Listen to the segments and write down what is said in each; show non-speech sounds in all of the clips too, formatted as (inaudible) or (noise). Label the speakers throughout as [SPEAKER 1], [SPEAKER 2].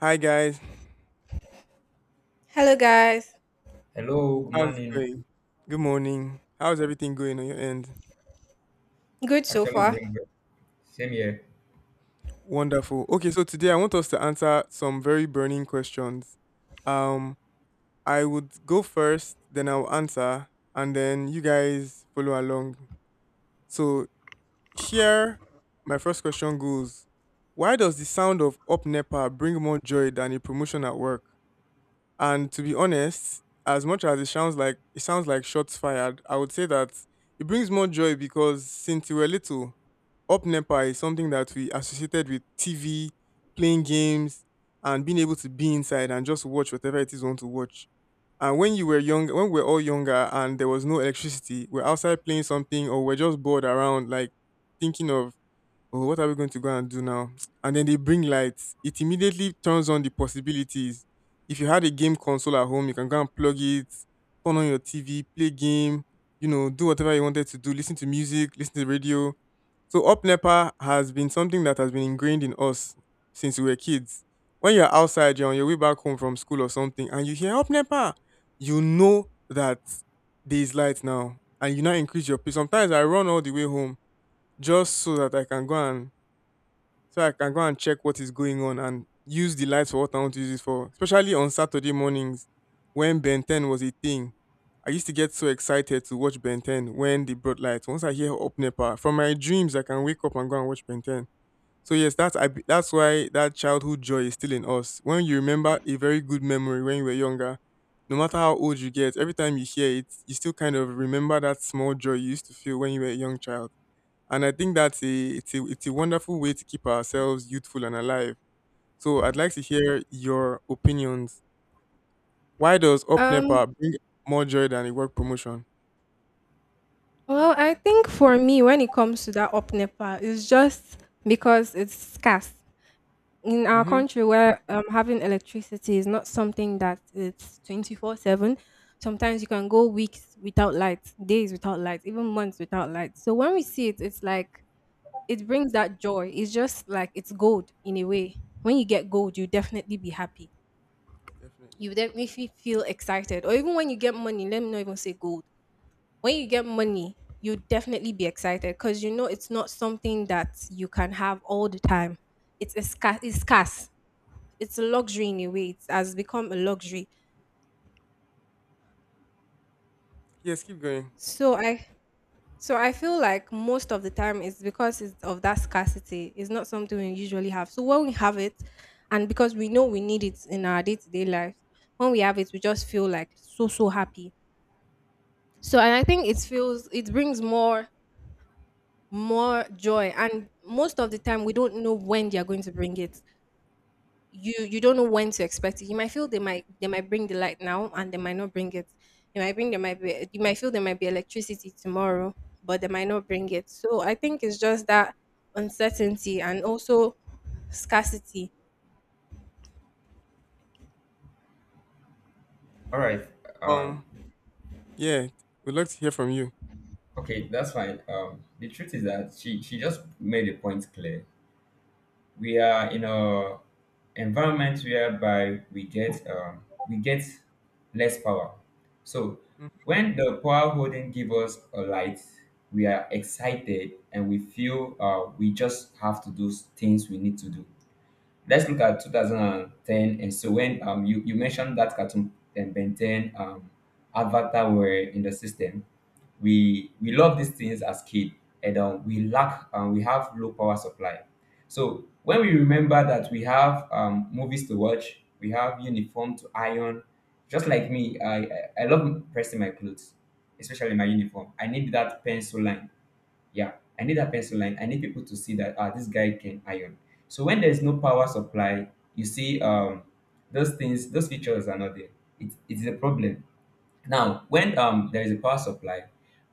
[SPEAKER 1] Hi guys,
[SPEAKER 2] Hello guys.
[SPEAKER 3] Hello, good
[SPEAKER 1] how's it
[SPEAKER 3] morning.
[SPEAKER 1] going? Good morning. How's everything going on your end?
[SPEAKER 2] Good so
[SPEAKER 3] Actually,
[SPEAKER 2] far.
[SPEAKER 3] doing good. Same here.
[SPEAKER 1] Wonderful. Okay, so today I want us to answer some very burning questions. Um, I would go first, then I'll answer, and then you guys follow along. So here, my first question goes: why does the sound of up NEPA bring more joy than a promotion at work? And to be honest, as much as it sounds like shots fired, I would say that it brings more joy because since we were little, up Nepa is something that we associated with TV, playing games, and being able to be inside and just watch whatever it is you want to watch. And when you were young, when we were all younger and there was no electricity, we're outside playing something or we're just bored around, like thinking of, oh, what are we going to go and do now? And then they bring lights. It immediately turns on the possibilities. If you had a game console at home, you can go and plug it, turn on your TV, play game, you know, do whatever you wanted to do, listen to music, listen to the radio. So Up Nepa has been something that has been ingrained in us since we were kids. When you're outside, you're on your way back home from school or something, and you hear Up Nepa, you know that there's light now. And you now increase your pace. Sometimes I run all the way home just so that I can go and check what is going on and use the light for what I want to use it for. Especially on Saturday mornings when Ben 10 was a thing. I used to get so excited to watch Ben 10 when they brought lights. Once I hear Up Nepa, from my dreams, I can wake up and go and watch Ben 10. So yes, that's why that childhood joy is still in us. When you remember a very good memory when you were younger, no matter how old you get, every time you hear it, you still kind of remember that small joy you used to feel when you were a young child. And I think that's a it's a it's a wonderful way to keep ourselves youthful and alive. So I'd like to hear your opinions. Why does
[SPEAKER 2] Um
[SPEAKER 1] UpNepa bring more joy than a work promotion?
[SPEAKER 2] well, I think for me when it comes to that up NEPA, it's just because it's scarce. In our
[SPEAKER 1] Mm-hmm.
[SPEAKER 2] country where having electricity is not something that it's 24/7, sometimes you can go weeks without light, days without light, even months without light. So when we see it, it's like it brings that joy. It's just like it's gold in a way. When you get gold, you definitely be happy.
[SPEAKER 1] Definitely.
[SPEAKER 2] You would definitely feel excited. Or even when you get money, let me not even say gold when you get money, you definitely be excited because you know it's not something that you can have all the time. It's scarce. It's a luxury in a way. It has become a luxury.
[SPEAKER 1] Yes, keep going.
[SPEAKER 2] So I so I feel like most of the time it's because it's of that scarcity. It's not something we usually have. So when we have it, and because we know we need it in our day to day life, when we have it, we just feel like so happy. So and I think it brings more joy, and most of the time we don't know when they are going to bring it. You don't know when to expect it. You might feel they might bring the light now and they might not bring it. You might feel there might be electricity tomorrow, but they might not bring it. So I think it's just that uncertainty and also scarcity.
[SPEAKER 3] All right. Um,
[SPEAKER 1] Um, yeah, we'd like to hear from you.
[SPEAKER 3] okay, that's fine. The truth is that she just made a point clear. We are in a environment whereby we get less power. So
[SPEAKER 1] Mhm.
[SPEAKER 3] when the power holding give us a light, we are excited and we feel we just have to do things we need to do. Let's look at 2010 and so when you mentioned that cartoon and Ben 10 Avatar were in the system. We love these things as kids and we lack we have low power supply. So when we remember that we have movies to watch, we have uniform to iron. Just like me, I love pressing my clothes, especially my uniform. I need that pencil line, yeah, I need that pencil line, I need people to see that, ah, this guy can iron. So when there's no power supply, you see those things, those features are not there. It is a problem now, when there is a power supply,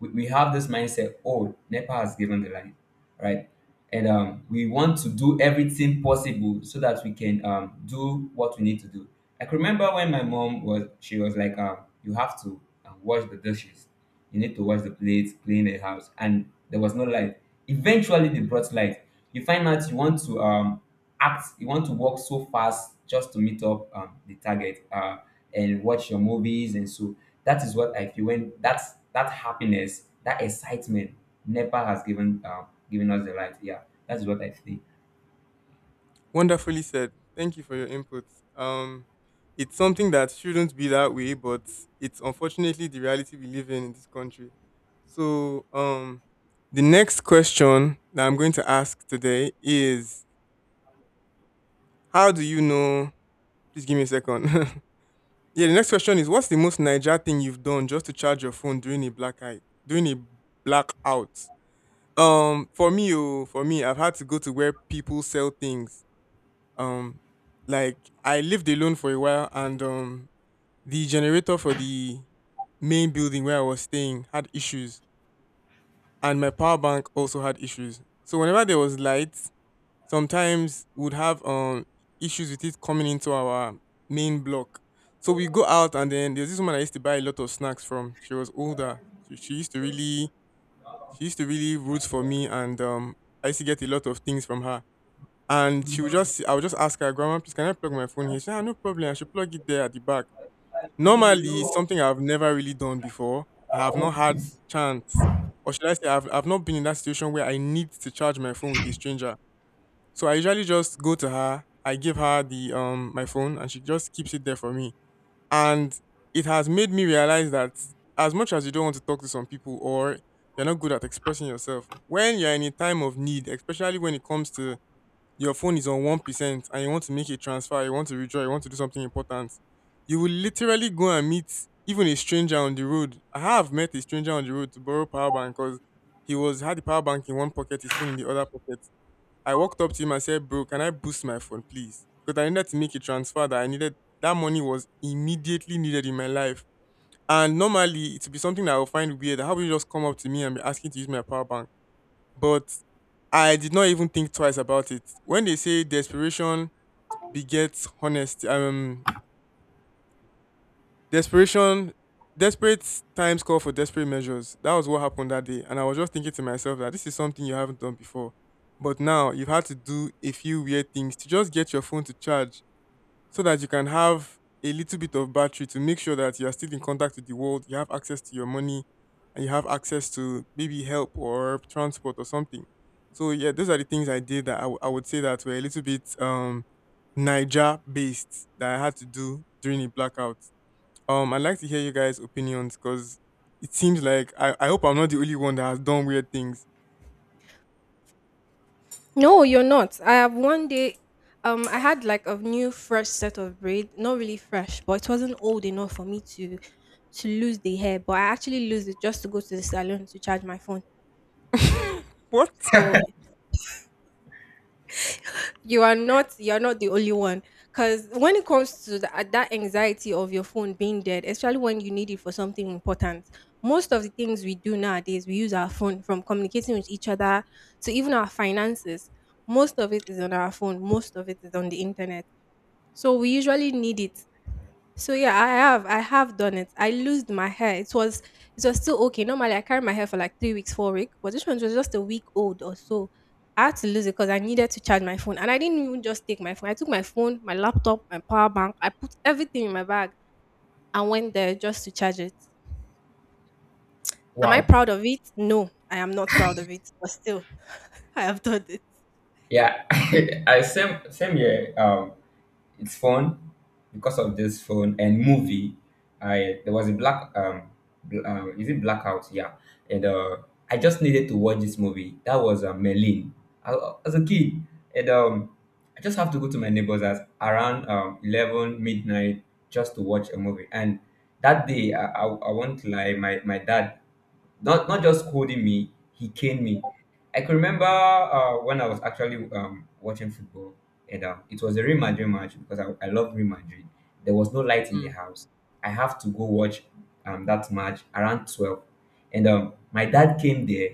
[SPEAKER 3] we have this mindset, oh, NEPA has given the line, right? And we want to do everything possible so that we can do what we need to do. I can remember when my mom was, she was like, you have to wash the dishes. You need to wash the plates, clean the house. And there was no light. Eventually, they brought light. You find out you want to act, you want to walk so fast just to meet up the target and watch your movies and so that is what I feel when that happiness, that excitement, NEPA has given given us the light. Yeah, that's what I feel.
[SPEAKER 1] Wonderfully said. Thank you for your input. Um, it's something that shouldn't be that way, but it's unfortunately the reality we live in this country. So, the next question that I'm going to ask today is, how do you know? Please give me a second. (laughs) Yeah, the next question is, what's the most Niger thing you've done just to charge your phone during a blackout? For me, I've had to go to where people sell things. Um, like I lived alone for a while, and the generator for the main building where I was staying had issues, and my power bank also had issues. So whenever there was light, sometimes would have issues with it coming into our main block. So we go out and then there's this woman I used to buy a lot of snacks from. She was older. So she used to really root for me, and I used to get a lot of things from her. And she would just I would just ask her, "Grandma, please can I plug my phone here?" She said, "Ah, no problem, I should plug it there at the back." Normally it's something I've never really done before. I have not had chance. Or should I say I've not been in that situation where I need to charge my phone with a stranger, so I usually just go to her, I give her the my phone and she just keeps it there for me. And it has made me realize that as much as you don't want to talk to some people or you're not good at expressing yourself, when you're in a time of need, especially when it comes to, your phone is on 1% and you want to make a transfer, you want to withdraw, you want to do something important, you will literally go and meet even a stranger on the road. I have met a stranger on the road to borrow power bank because he was had the power bank in one pocket, his phone in the other pocket. I walked up to him and said, "Bro, can I boost my phone, please?" Because I needed to make a transfer, that I needed, that money was immediately needed in my life. And normally it would be something that I would find weird. How would you just come up to me and be asking to use my power bank? But I did not even think twice about it. When they say desperation begets honesty, desperation, desperate times call for desperate measures. That was what happened that day. And I was just thinking to myself that this is something you haven't done before. But now you've had to do a few weird things to just get your phone to charge so that you can have a little bit of battery to make sure that you are still in contact with the world, you have access to your money, and you have access to maybe help or transport or something. So, yeah, those are the things I did that I would say that were a little bit Niger based that I had to do during a blackout. I'd like to hear you guys' opinions because it seems like I hope I'm not the only one that has done weird things.
[SPEAKER 2] No, you're not. I have one day, I had like a new fresh set of braid, not really fresh, but it wasn't old enough for me to lose the hair. But I actually lose it just to go to the salon to charge my phone.
[SPEAKER 1] (laughs) What?
[SPEAKER 2] So you are not the only one. Cause when it comes to that anxiety of your phone being dead, especially when you need it for something important, most of the things we do nowadays, we use our phone from communicating with each other to even our finances. Most of it is on our phone. Most of it is on the internet. So we usually need it. So yeah, I have done it. I loosed my hair. It was still okay. Normally I carry my hair for like 3 weeks, 4 weeks, but this one was just a week old or so. I had to lose it because I needed to charge my phone. And I didn't even just take my phone. I took my phone, my laptop, my power bank, I put everything in my bag and went there just to charge it. Am I
[SPEAKER 3] Wow.
[SPEAKER 2] proud of it? No, I am not proud of it. But still, (laughs) I have done it.
[SPEAKER 3] Yeah, (laughs) I same here. It's fun because of this phone and movie. I there was a is it blackout? Yeah, and I just needed to watch this movie. That was Merlin. I, as a kid, and I just have to go to my neighbor's house around 11 midnight just to watch a movie. And that day, I won't lie, my dad not just scolding me, he caned me. I can remember when I was actually watching football, and it was a Real Madrid match because I love Real Madrid. There was no light in the
[SPEAKER 1] Mm.
[SPEAKER 3] house. I have to go watch that match around 12, and my dad came there.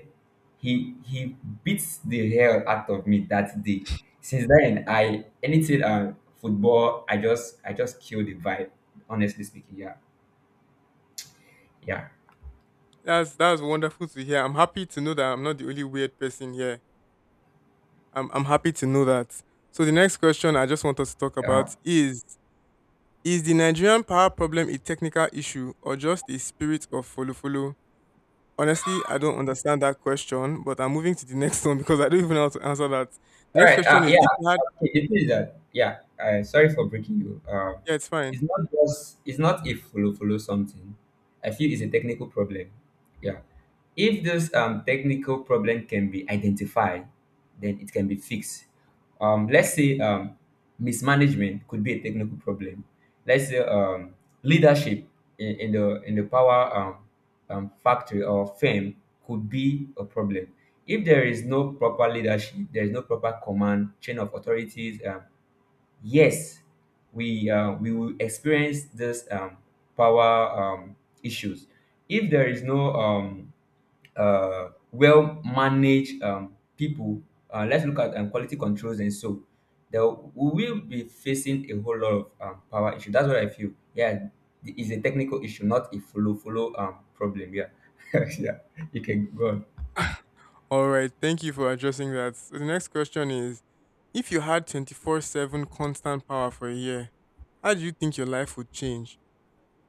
[SPEAKER 3] He beats the hell out of me that day. Since then, I anything football, I just kill the vibe. Honestly speaking, yeah, yeah.
[SPEAKER 1] That's wonderful to hear. I'm happy to know that I'm not the only weird person here. I'm happy to know that. So the next question I just want us to talk
[SPEAKER 3] Uh,
[SPEAKER 1] about is the Nigerian power problem a technical issue or just a spirit of follow follow? Honestly, I don't understand that question, but I'm moving to the next (laughs) one because I don't even know how to answer that. The
[SPEAKER 3] all
[SPEAKER 1] next
[SPEAKER 3] right.
[SPEAKER 1] question is
[SPEAKER 3] Yeah.
[SPEAKER 1] if you had
[SPEAKER 3] Okay. The thing is that yeah. Sorry for breaking you.
[SPEAKER 1] Yeah, it's fine.
[SPEAKER 3] It's not a follow follow something. I feel it's a technical problem. Yeah. If this technical problem can be identified, then it can be fixed. Let's say mismanagement could be a technical problem. Let's say leadership in the power factory or firm could be a problem. If there is no proper leadership, there is no proper command chain of authorities. Yes, we will experience this power issues. If there is no well managed people, let's look at quality controls and so there we will be facing a whole lot of power issue. That's what I feel. Yeah, it is a technical issue, not a follow follow problem. Yeah, (laughs) yeah, you can go on.
[SPEAKER 1] All right, thank you for addressing that. So the next question is, if you had 24/7 constant power for a year, how do you think your life would change?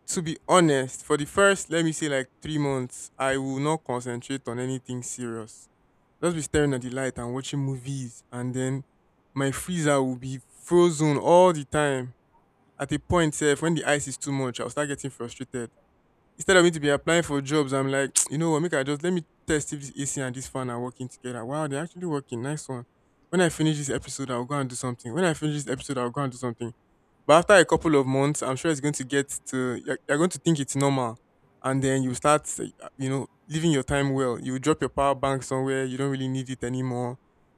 [SPEAKER 1] To be honest, for the first, let me say like 3 months, I will not concentrate on anything serious. Just be staring at the light and watching movies, and then my freezer will be frozen all the time. At a point, sef, when the ice is too much, I'll start getting frustrated. Instead of me to be applying for jobs, I'm like, (tsk) you know what, make I just, let me test if this AC and this fan are working together. Wow, they're actually working. Nice one. When I finish this episode, I'll go and do something. When I finish this episode, I'll go and do something. But after a couple of months, I'm sure it's going to get to, you're going to think it's normal, and then you start, you know, living your time well. You drop your power bank somewhere, you don't really need it anymore.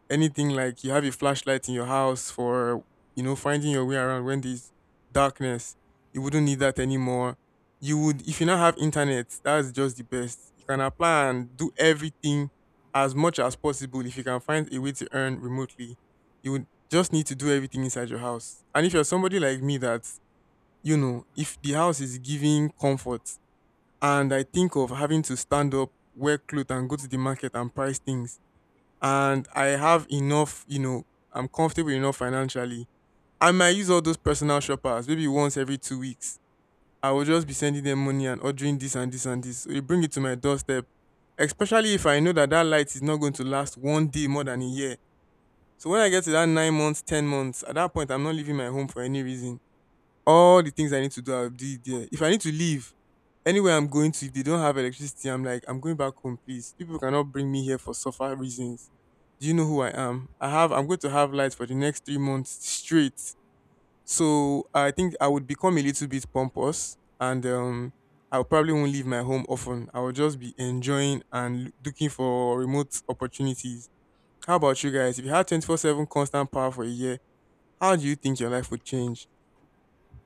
[SPEAKER 1] Anything like you have a flashlight in your house for, you know, finding your way around when there's darkness, you wouldn't need that anymore. You would, if you now have internet, that's just the best. You can apply and do everything as much as possible. If you can find a way to earn remotely, you would just need to do everything inside your house. And if you're somebody like me that, you know, if the house is giving comfort and I think of having to stand up, wear clothes and go to the market and price things, and I have enough, you know, I'm comfortable enough financially, I might use all those personal shoppers maybe once every 2 weeks. I will just be sending them money and ordering this and this and this, so they bring it to my doorstep, especially if I know that that light is not going to last one day more than a year. So when I get to that 9 months, 10 months, at that point, I'm not leaving my home for any reason. All the things I need to do, I'll do it there. If I need to leave anywhere I'm going to, if they don't have electricity, I'm like, I'm going back home, please. People cannot bring me here for suffer reasons. Do you know who I am? I'm going to have lights for the next 3 months straight. So I think I would become a little bit pompous, and I probably won't leave my home often. I will just be enjoying and looking for remote opportunities. How about you guys? If you had 24/7 constant power for a year, how do you think your life would change?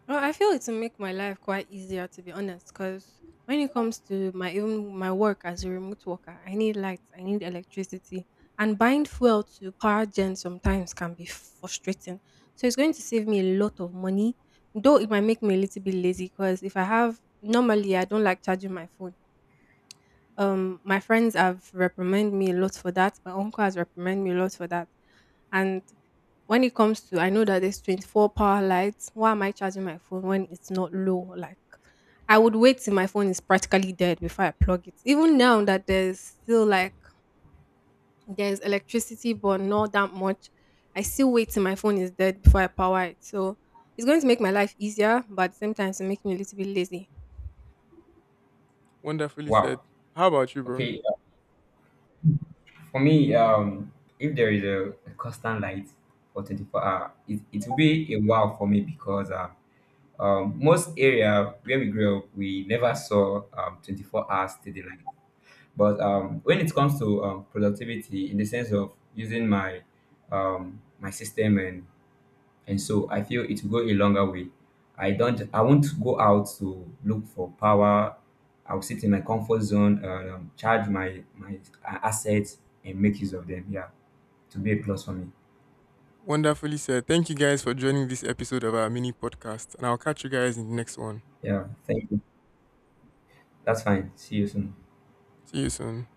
[SPEAKER 2] Well, I feel it's make my life quite easier to be honest, because when it comes to my work as a remote worker, I need lights, I need electricity, and buying fuel to power gen sometimes can be frustrating. So it's going to save me a lot of money, though it might make me a little bit lazy. Because if I have normally, I don't like charging my phone. My friends have reprimanded me a lot for that. My uncle has reprimanded me a lot for that. And when it comes to, I know that there's 24 power lights. Why am I charging my phone when it's not low? Like, I would wait till my phone is practically dead before I plug it. Even now that there's still like, there's electricity, but not that much, I still wait till my phone is dead before I power it. So it's going to make my life easier, but sometimes it makes me a little bit lazy.
[SPEAKER 1] Wonderfully
[SPEAKER 3] Wow.
[SPEAKER 1] said. How about you, bro?
[SPEAKER 3] Okay, for me, if there is a constant light for 24 hour, it will be a wow for me because most area where we grew up, we never saw 24 hours steady light. But when it comes to productivity, in the sense of using my my system and so, I feel it will go a longer way. I don't. I won't go out to look for power. I'll sit in my comfort zone, charge my assets, and make use of them. Yeah, to be a plus for me.
[SPEAKER 1] Wonderfully said. Thank you guys for joining this episode of our mini podcast, and I'll catch you guys in the next one.
[SPEAKER 3] Yeah, thank you. That's fine. See you soon.
[SPEAKER 1] See you soon.